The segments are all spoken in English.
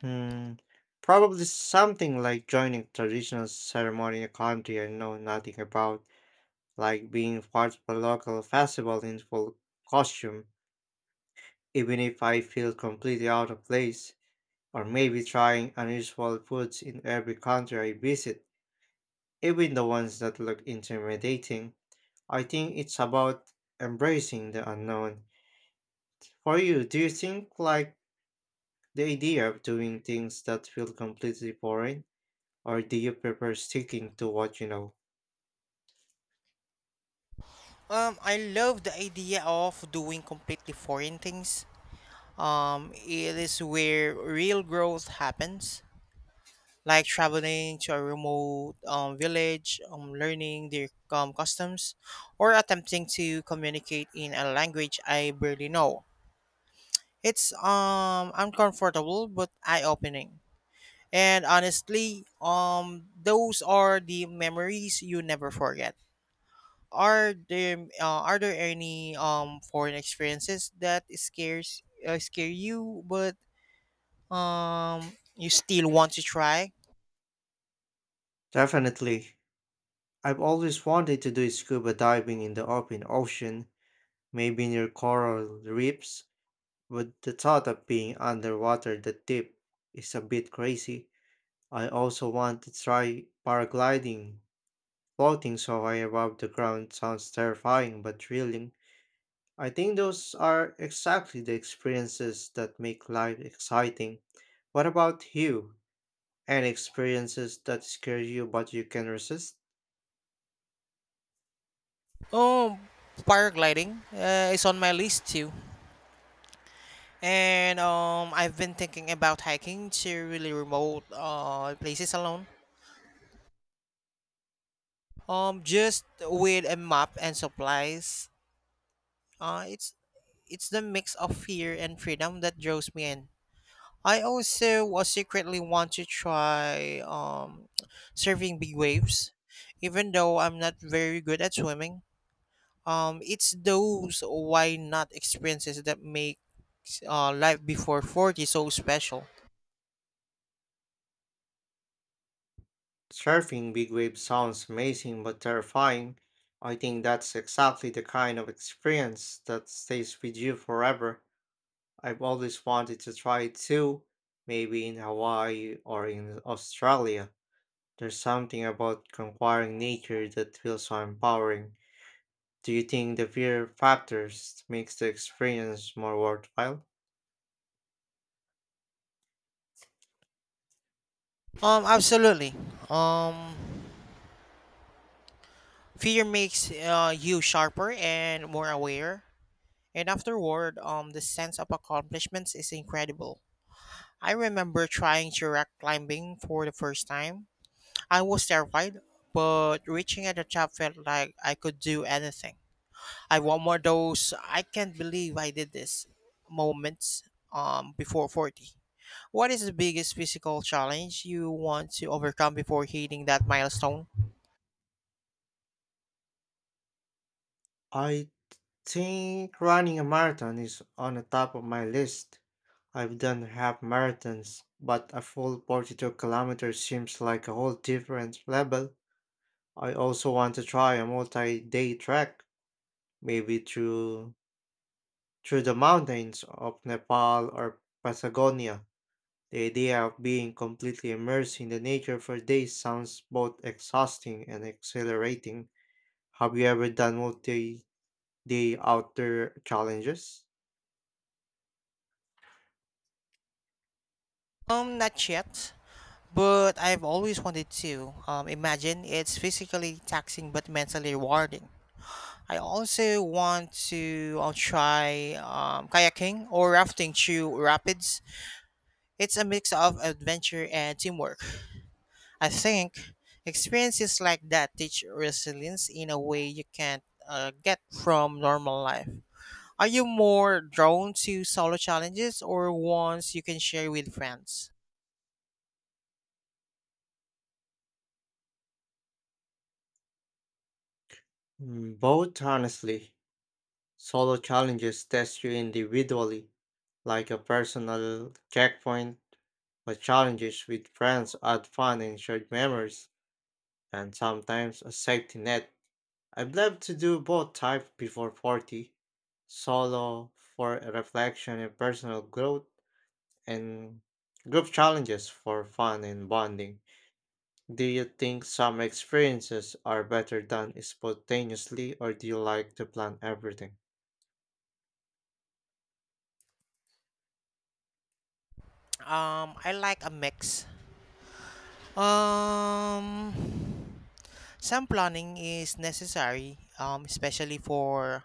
Hmm, probably something like joining a traditional ceremony in a country I know nothing about, like being part of a local festival in full costume, even if I feel completely out of place, or maybe trying unusual foods in every country I visit, even the ones that look intimidating. I think it's about embracing the unknown. For you, do you think like the idea of doing things that feel completely foreign? Or do you prefer sticking to what you know? I love the idea of doing completely foreign things. It is where real growth happens, like traveling to a remote village, learning their customs, or attempting to communicate in a language I barely know. It's uncomfortable but eye-opening. And honestly, those are the memories you never forget. Are there any foreign experiences that scare you, but you still want to try? Definitely. I've always wanted to do scuba diving in the open ocean, maybe near coral reefs, but the thought of being underwater that deep is a bit crazy. I also want to try paragliding. Floating so high above the ground sounds terrifying but thrilling. I think those are exactly the experiences that make life exciting. What about you? And experiences that scare you but you can resist. Oh, paragliding is on my list too. And I've been thinking about hiking to really remote places alone. Just with a map and supplies. It's it's the mix of fear and freedom that draws me in. I also was secretly want to try surfing big waves, even though I'm not very good at swimming. It's those why not experiences that make life before 40 so special. Surfing big waves sounds amazing but terrifying. I think that's exactly the kind of experience that stays with you forever. I've always wanted to try it too, maybe in Hawaii or in Australia. There's something about conquering nature that feels so empowering. Do you think the fear factors makes the experience more worthwhile? Absolutely. Um, fear makes you sharper and more aware. And afterward, the sense of accomplishments is incredible. I remember trying to rock climbing for the first time. I was terrified, but reaching at the top felt like I could do anything. I want more those I can't believe I did this moments before 40. What is the biggest physical challenge you want to overcome before hitting that milestone? I think running a marathon is on the top of my list. I've done half marathons, but a full 42 kilometers seems like a whole different level. I also want to try a multi-day trek, maybe through the mountains of Nepal or Patagonia. The idea of being completely immersed in the nature for days sounds both exhausting and exhilarating. Have you ever done multi-day outdoor challenges? Not yet, but I've always wanted to. Imagine it's physically taxing but mentally rewarding. I also want to try kayaking or rafting through rapids. It's a mix of adventure and teamwork. I think experiences like that teach resilience in a way you can't get from normal life. Are you more drawn to solo challenges or ones you can share with friends? Mm, both, honestly. Solo challenges test you individually, like a personal checkpoint, but challenges with friends add fun and shared memories, and sometimes a safety net. I'd love to do both types before 40. Solo for reflection and personal growth, and group challenges for fun and bonding. Do you think some experiences are better done spontaneously, or do you like to plan everything? I like a mix. Um, Some planning is necessary, especially for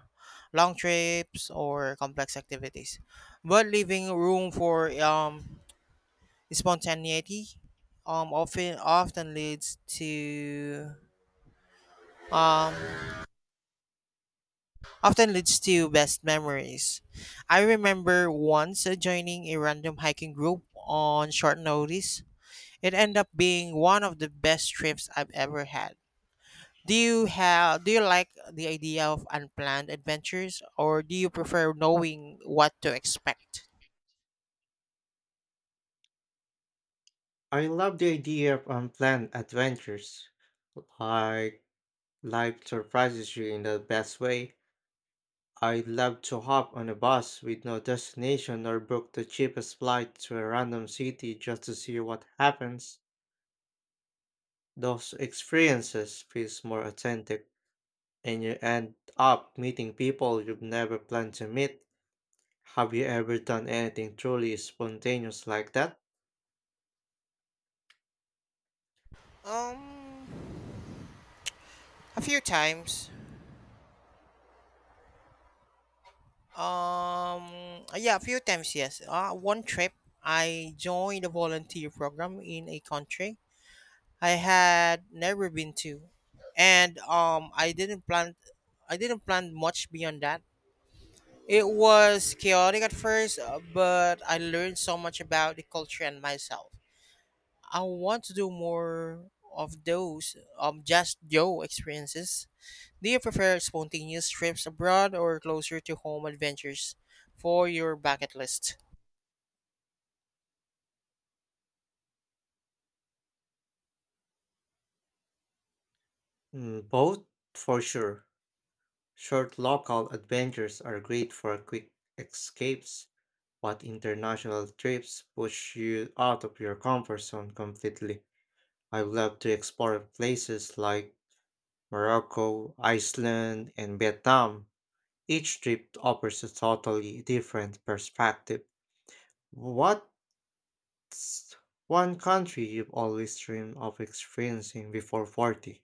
long trips or complex activities, but leaving room for spontaneity often leads to um, often leads to best memories. I remember once joining a random hiking group on short notice. It ended up being one of the best trips I've ever had. Do you like the idea of unplanned adventures, or do you prefer knowing what to expect? I love the idea of unplanned adventures. Like life surprises you in the best way. I'd love to hop on a bus with no destination or book the cheapest flight to a random city just to see what happens. Those experiences feels more authentic and you end up meeting people you've never planned to meet. Have you ever done anything truly spontaneous like that? Um a few times. Yeah, a few times, yes. One trip I joined a volunteer program in a country I had never been to. And I didn't plan much beyond that. It was chaotic at first, but I learned so much about the culture and myself. I want to do more of those just Joe experiences. Do you prefer spontaneous trips abroad or closer to home adventures for your bucket list? Mm, both for sure. Short local adventures are great for quick escapes, but international trips push you out of your comfort zone completely. I love to explore places like Morocco, Iceland, and Vietnam. Each trip offers a totally different perspective. What's one country you've always dreamed of experiencing before 40?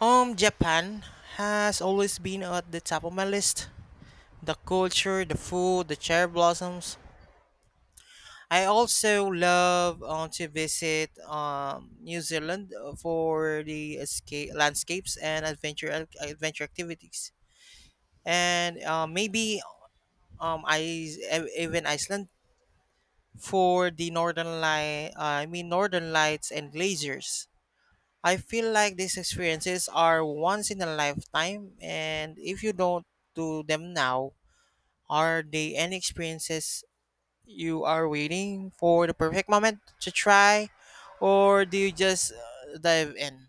Japan has always been at the top of my list. The culture, the food, the cherry blossoms. I also love to visit New Zealand for the escape landscapes and adventure activities, and maybe even Iceland for the northern lights and glaciers. I feel like these experiences are once in a lifetime, and if you don't do them now, are they any experiences you are waiting for the perfect moment to try, or do you just dive in?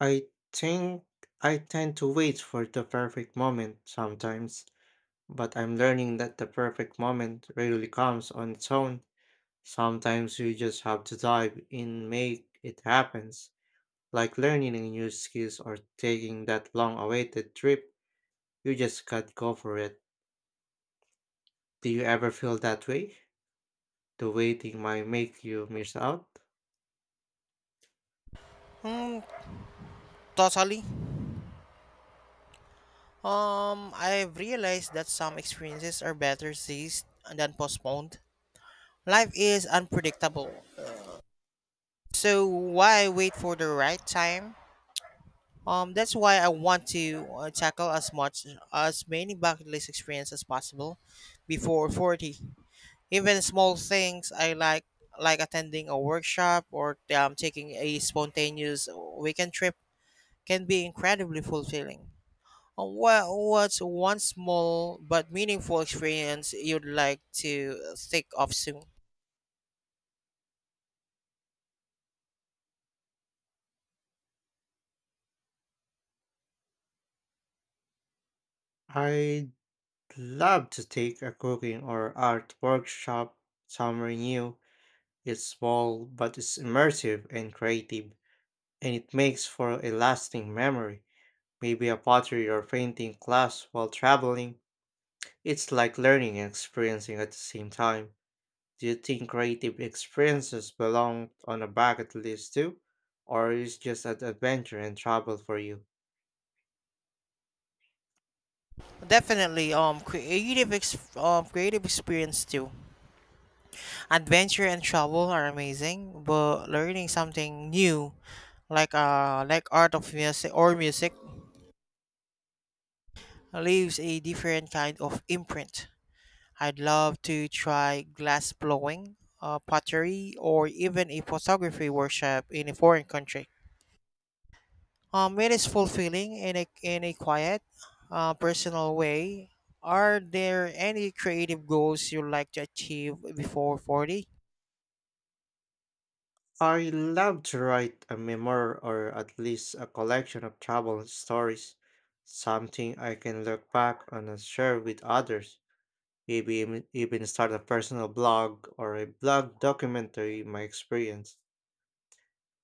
I think I tend to wait for the perfect moment sometimes. But I'm learning that the perfect moment rarely comes on its own. Sometimes you just have to dive in, make it happens. Like learning a new skills or taking that long awaited trip, you just can't go for it. Do you ever feel that way? The waiting might make you miss out? Hmm, totally. I've realized that some experiences are better seized than postponed. Life is unpredictable, so why wait for the right time? That's why I want to tackle as many bucket list experience as possible before 40. Even small things I like attending a workshop or taking a spontaneous weekend trip, can be incredibly fulfilling. What's one small but meaningful experience you'd like to think of soon? I'd love to take a cooking or art workshop somewhere new. It's small, but it's immersive and creative, and it makes for a lasting memory. Maybe a pottery or painting class while traveling. It's like learning and experiencing at the same time. Do you think creative experiences belong on a bucket list too? Or is just an adventure and travel for you? Definitely, creative experience too. Adventure and travel are amazing, but learning something new, like art of music or music, leaves a different kind of imprint. I'd love to try glass blowing, pottery, or even a photography workshop in a foreign country. It is fulfilling in a quiet, personal way. Are there any creative goals you'd like to achieve before 40? I love to write a memoir or at least a collection of travel stories, something I can look back on and share with others. Maybe even start a personal blog or a blog documentary my experience.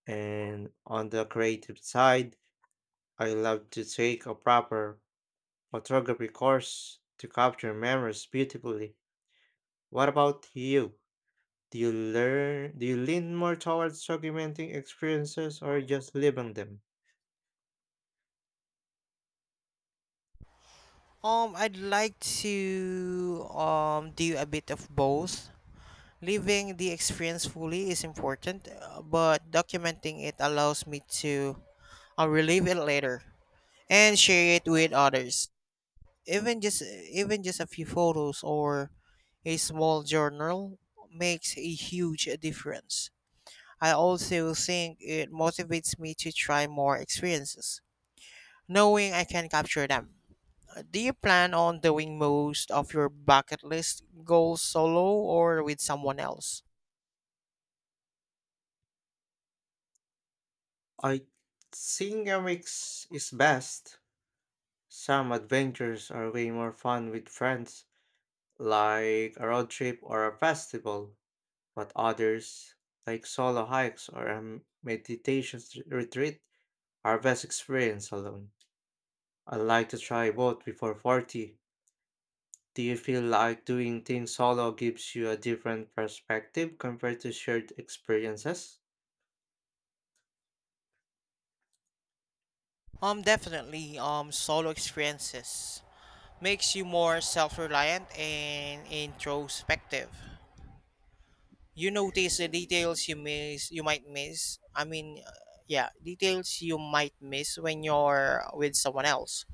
And on the creative side, I love to take a proper photography course to capture memories beautifully. What about you? Do you lean more towards documenting experiences or just living them? I'd like to do a bit of both. Living the experience fully is important, but documenting it allows me to relive it later and share it with others. Even just Even just a few photos or a small journal makes a huge difference. I also think it motivates me to try more experiences, knowing I can capture them. Do you plan on doing most of your bucket list goals solo or with someone else? I think a mix is best. Some adventures are way more fun with friends, like a road trip or a festival, but others, like solo hikes or a meditation retreat, Harvest experience alone. I like to try both before 40. Do you feel like doing things solo gives you a different perspective compared to shared experiences? Definitely. Solo experiences makes you more self-reliant and introspective. You might miss, I mean, yeah, details you might miss when you're with someone else,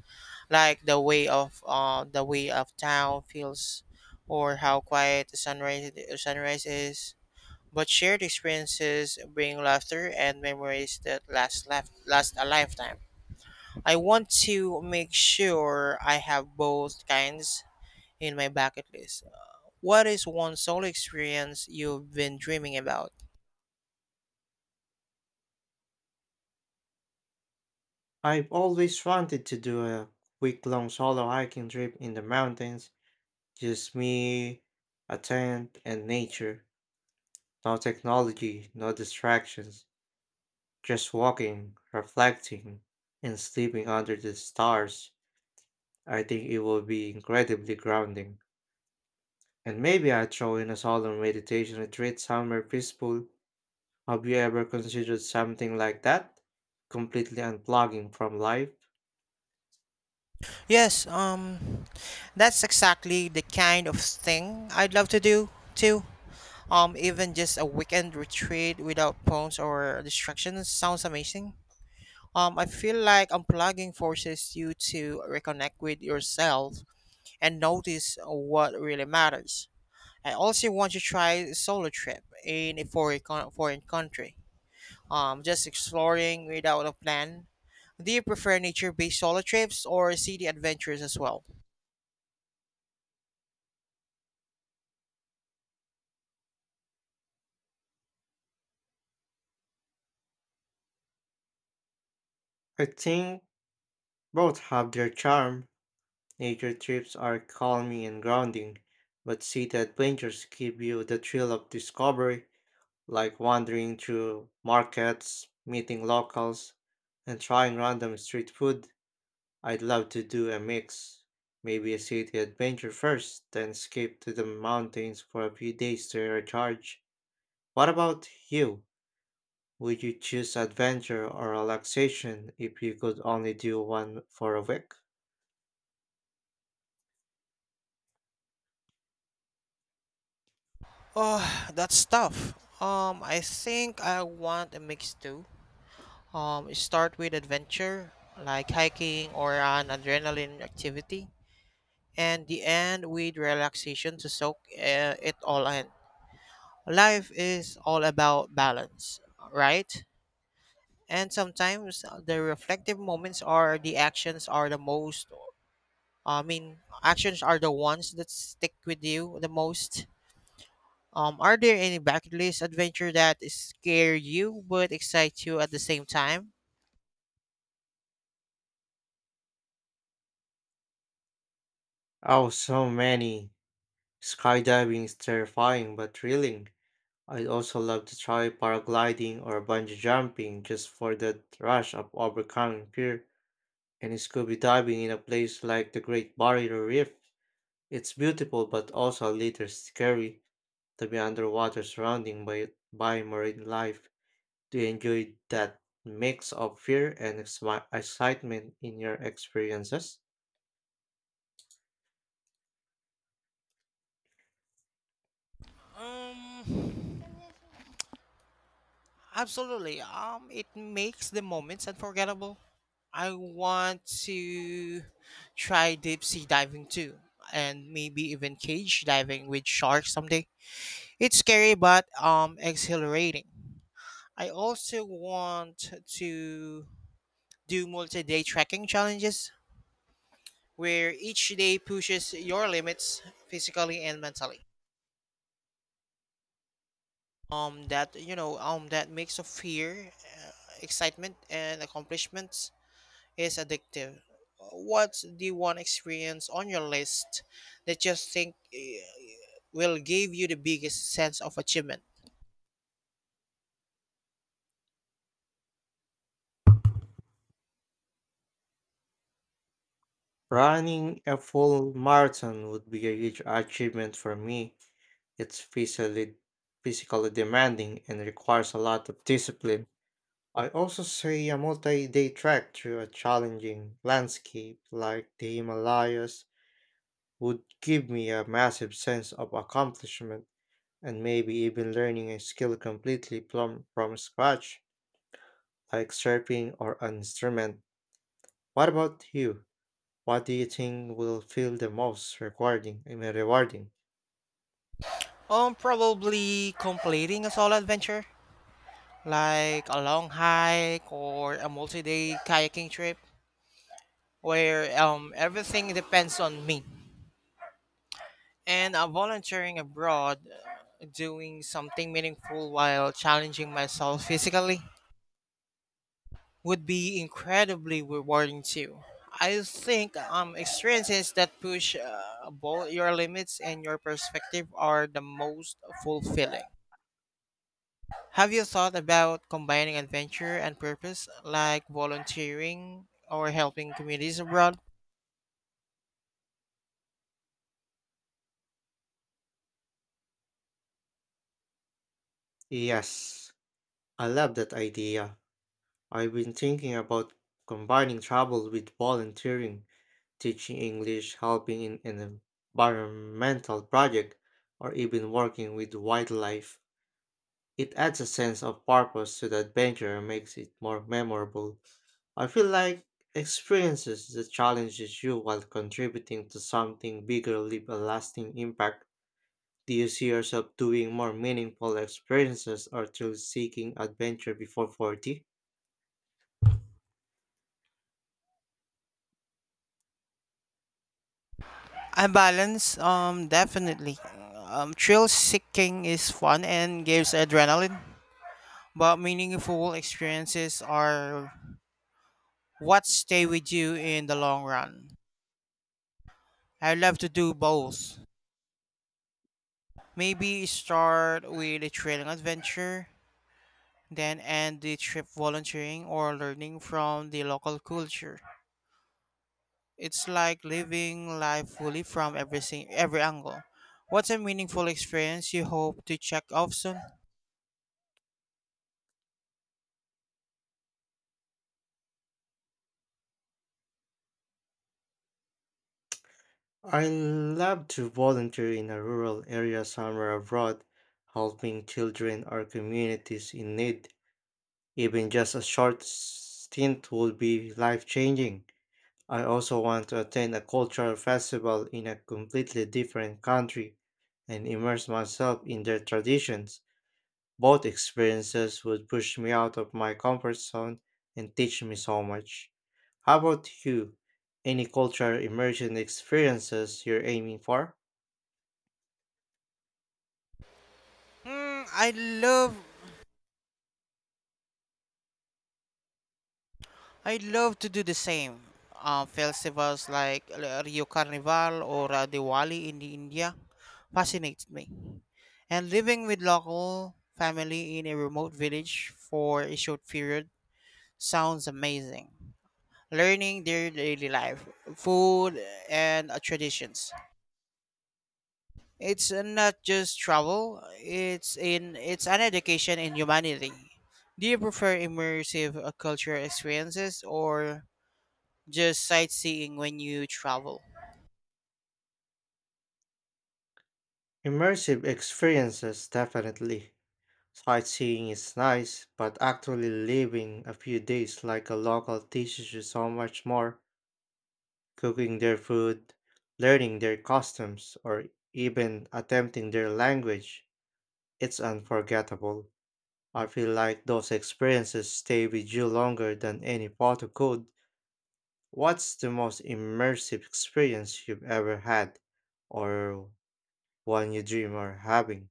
like the way of town feels, or how quiet the sunrise sunrise is. But shared experiences bring laughter and memories that last a lifetime. I want to make sure I have both kinds in my bucket list. What is one solo experience you've been dreaming about? I've always wanted to do a week long solo hiking trip in the mountains, just me, a tent, and nature. No technology, no distractions, just walking, reflecting, and sleeping under the stars. I think it will be incredibly grounding. And maybe I'd throw in a solemn meditation retreat somewhere peaceful. Have you ever considered something like that? Completely unplugging from life? Yes, that's exactly the kind of thing I'd love to do too. Even just a weekend retreat without phones or distractions sounds amazing. I feel like unplugging forces you to reconnect with yourself and notice what really matters. I also want to try solo trip in a foreign country, just exploring without a plan. Do you prefer nature-based solo trips or city adventures as well? I think both have their charm. Nature trips are calming and grounding, but city adventures give you the thrill of discovery, like wandering through markets, meeting locals, and trying random street food. I'd love to do a mix. Maybe a city adventure first, then skip to the mountains for a few days to recharge. What about you? Would you choose adventure or relaxation if you could only do one for a week? Oh, that's tough. I think I want a mix too. Start with adventure, like hiking or an adrenaline activity, and the end with relaxation to soak it all in. Life is all about balance, right? And sometimes the reflective moments are the actions are the most, I mean, actions are the ones that stick with you the most. Are there any bucket list adventure that scare you but excite you at the same time? Oh, so many. Skydiving is terrifying but thrilling. I'd also love to try paragliding or bungee jumping just for that rush of overcoming fear, and scuba diving in a place like the Great Barrier Reef. It's beautiful but also a little scary to be underwater surrounded by, marine life. Do you enjoy that mix of fear and excitement in your experiences? Um, Absolutely. It makes the moments unforgettable. I want to try deep sea diving too, and maybe even cage diving with sharks someday. It's scary but exhilarating. I also want to do multi-day trekking challenges where each day pushes your limits physically and mentally. That mix of fear, excitement, and accomplishments is addictive. What's the one experience on your list that you think will give you the biggest sense of achievement? Running a full marathon would be a huge achievement for me. It's physically demanding and requires a lot of discipline. I also say a multi day trek through a challenging landscape like the Himalayas would give me a massive sense of accomplishment and maybe even learning a skill completely plum from scratch, like surfing or an instrument. What about you? What do you think will feel the most rewarding? Rewarding. Probably completing a solo adventure, like a long hike or a multi-day kayaking trip, where everything depends on me. And volunteering abroad, doing something meaningful while challenging myself physically, would be incredibly rewarding too. I think experiences that push both your limits and your perspective are the most fulfilling. Have you thought about combining adventure and purpose, like volunteering or helping communities abroad? Yes, I love that idea. I've been thinking about combining travel with volunteering, teaching English, helping in an environmental project, or even working with wildlife. It adds a sense of purpose to the adventure and makes it more memorable. I feel like experiences that challenges you while contributing to something bigger leave a lasting impact. Do you see yourself doing more meaningful experiences or through seeking adventure before 40? I balance, definitely. Thrill seeking is fun and gives adrenaline, but meaningful experiences are what stay with you in the long run. I love to do both. Maybe start with a trailing adventure, then end the trip volunteering or learning from the local culture. It's like living life fully from everything, every angle. What's a meaningful experience you hope to check off soon? I love to volunteer in a rural area somewhere abroad, helping children or communities in need. Even just a short stint would be life changing. I also want to attend a cultural festival in a completely different country and immerse myself in their traditions. Both experiences would push me out of my comfort zone and teach me so much. How about you? Any cultural immersion experiences you're aiming for? Hmm, I love I'd love to do the same. Festivals like Rio Carnival or Diwali in India fascinates me. And living with local family in a remote village for a short period sounds amazing. Learning their daily life, food, and traditions. It's not just travel; it's an education in humanity. Do you prefer immersive cultural experiences or just sightseeing when you travel? Immersive experiences, definitely. Sightseeing is nice, but actually living a few days like a local teaches you so much more. Cooking their food, learning their customs, or even attempting their language, it's unforgettable. I feel like those experiences stay with you longer than any photo could. What's the most immersive experience you've ever had, or one you dream of having?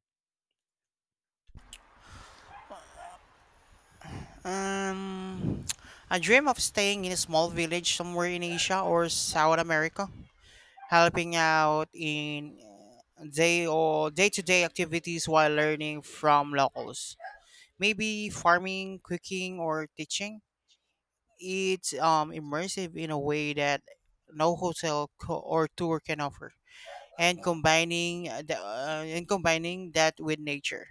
Um, I dream of staying in a small village somewhere in Asia or South America, helping out in day-to-day activities while learning from locals. Maybe farming, cooking, or teaching. It's immersive in a way that no or tour can offer, and combining that with nature,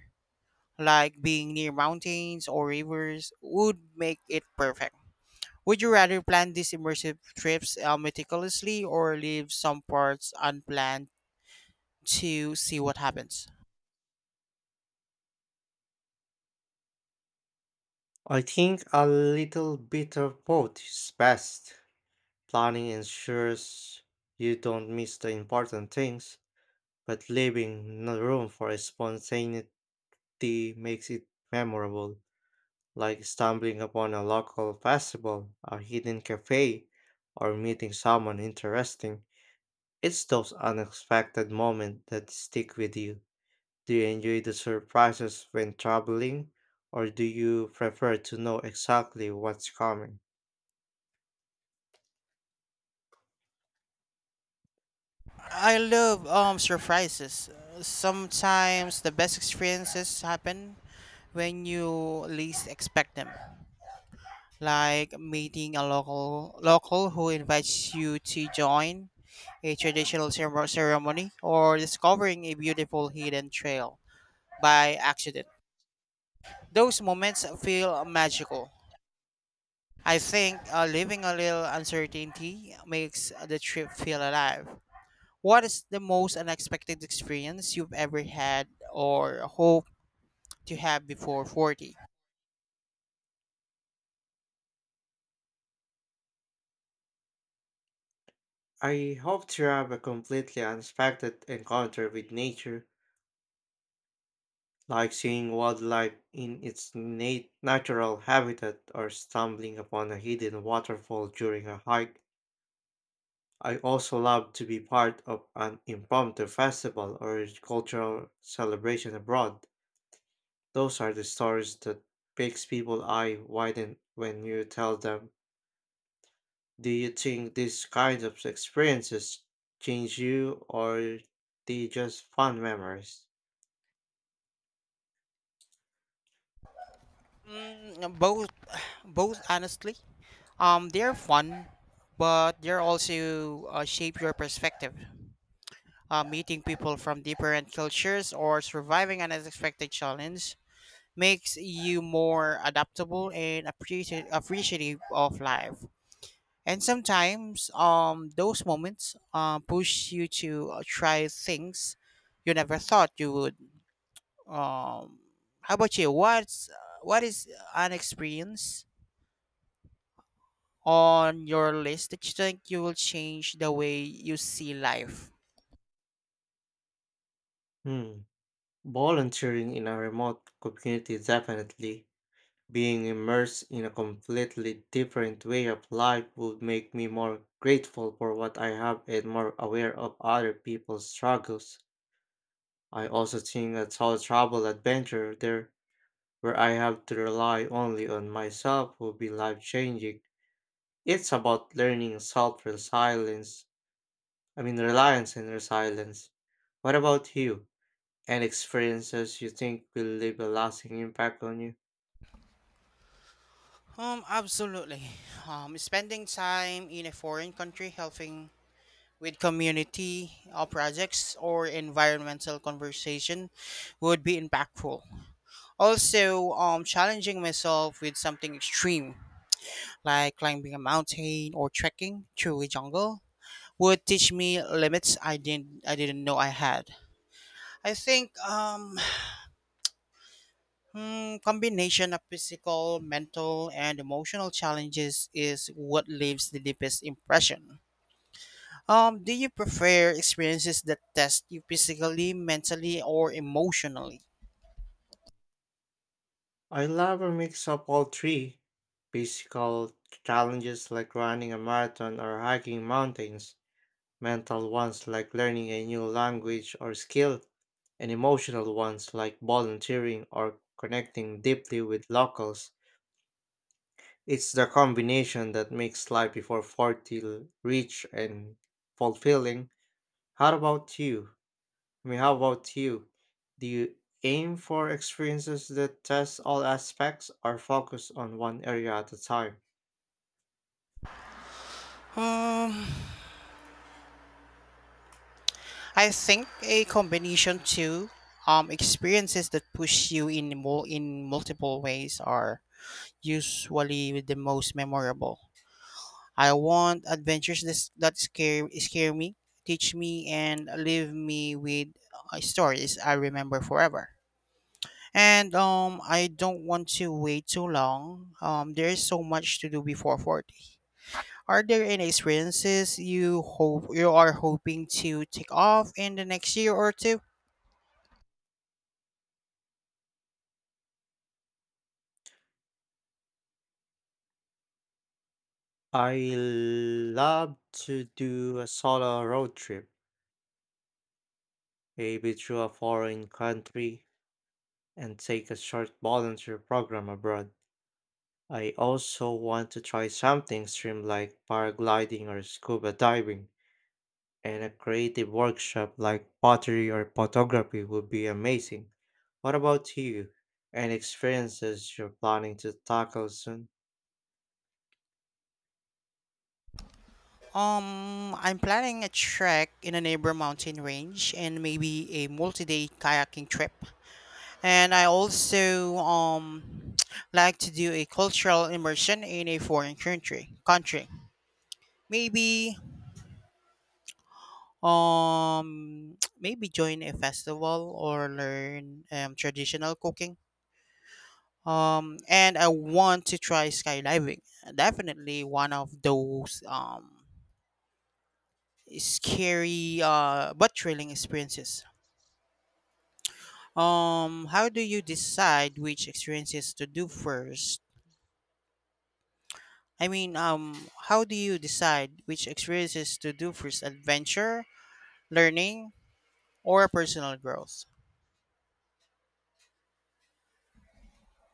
like being near mountains or rivers, would make it perfect. Would you rather plan these immersive trips meticulously or leave some parts unplanned to see what happens? I think a little bit of both is best. Planning ensures you don't miss the important things, but leaving no room for spontaneity tea makes it memorable, like stumbling upon a local festival, a hidden cafe, or meeting someone interesting. It's those unexpected moments that stick with you. Do you enjoy the surprises when traveling, or do you prefer to know exactly what's coming? I love surprises. Sometimes the best experiences happen when you least expect them. Like meeting a local who invites you to join a traditional ceremony, or discovering a beautiful hidden trail by accident. Those moments feel magical. I think living a little uncertainty makes the trip feel alive. What is the most unexpected experience you've ever had or hope to have before 40? I hope to have a completely unexpected encounter with nature like seeing wildlife in its natural habitat or stumbling upon a hidden waterfall during a hike. I also love to be part of an impromptu festival or cultural celebration abroad. Those are the stories that makes people eye widen when you tell them. Do you think these kinds of experiences change you or they just fun memories? Mm, both, both honestly. They're fun, but they're also shape your perspective. Meeting people from different cultures or surviving an unexpected challenge makes you more adaptable and appreciative of life. And sometimes those moments push you to try things you never thought you would. Um how about you? What is an experience on your list that you think you will change the way you see life? Hmm. Volunteering in a remote community, definitely. Being immersed in a completely different way of life would make me more grateful for what I have and more aware of other people's struggles. I also think a solo travel adventure there where I have to rely only on myself would be life changing. It's about learning self resilience, I mean, reliance and resilience. What about you? Any experiences you think will leave a lasting impact on you? Absolutely. Spending time in a foreign country helping with community projects or environmental conversation would be impactful. Also, challenging myself with something extreme like climbing a mountain or trekking through a jungle would teach me limits I didn't know I had. I think combination of physical, mental, and emotional challenges is what leaves the deepest impression. Do you prefer experiences that test you physically, mentally, or emotionally? I love a mix of all three: physical challenges like running a marathon or hiking mountains, mental ones like learning a new language or skill, and emotional ones like volunteering or connecting deeply with locals. It's the combination that makes life before 40 rich and fulfilling. How about you? I mean, how about you? Do you aim for experiences that test all aspects or focus on one area at a time? Um, I think a combination too. Experiences that push you in multiple ways are usually the most memorable. I want adventures that scare me, teach me, and leave me with stories I remember forever. And I don't want to wait too long. There is so much to do before 40. Are there any experiences you are hoping to take off in the next year or two? I love to do a solo road trip, maybe through a foreign country, and take a short volunteer program abroad. I also want to try something extreme like paragliding or scuba diving. And a creative workshop like pottery or photography would be amazing. What about you? Any experiences you're planning to tackle soon? I'm planning a trek in a neighbor mountain range and maybe a multi-day kayaking trip. And I also like to do a cultural immersion in a foreign country, maybe maybe join a festival or learn traditional cooking. And I want to try skydiving. Definitely one of those scary but thrilling experiences. How do you decide which experiences to do first? How do you decide which experiences to do first: adventure, learning, or personal growth?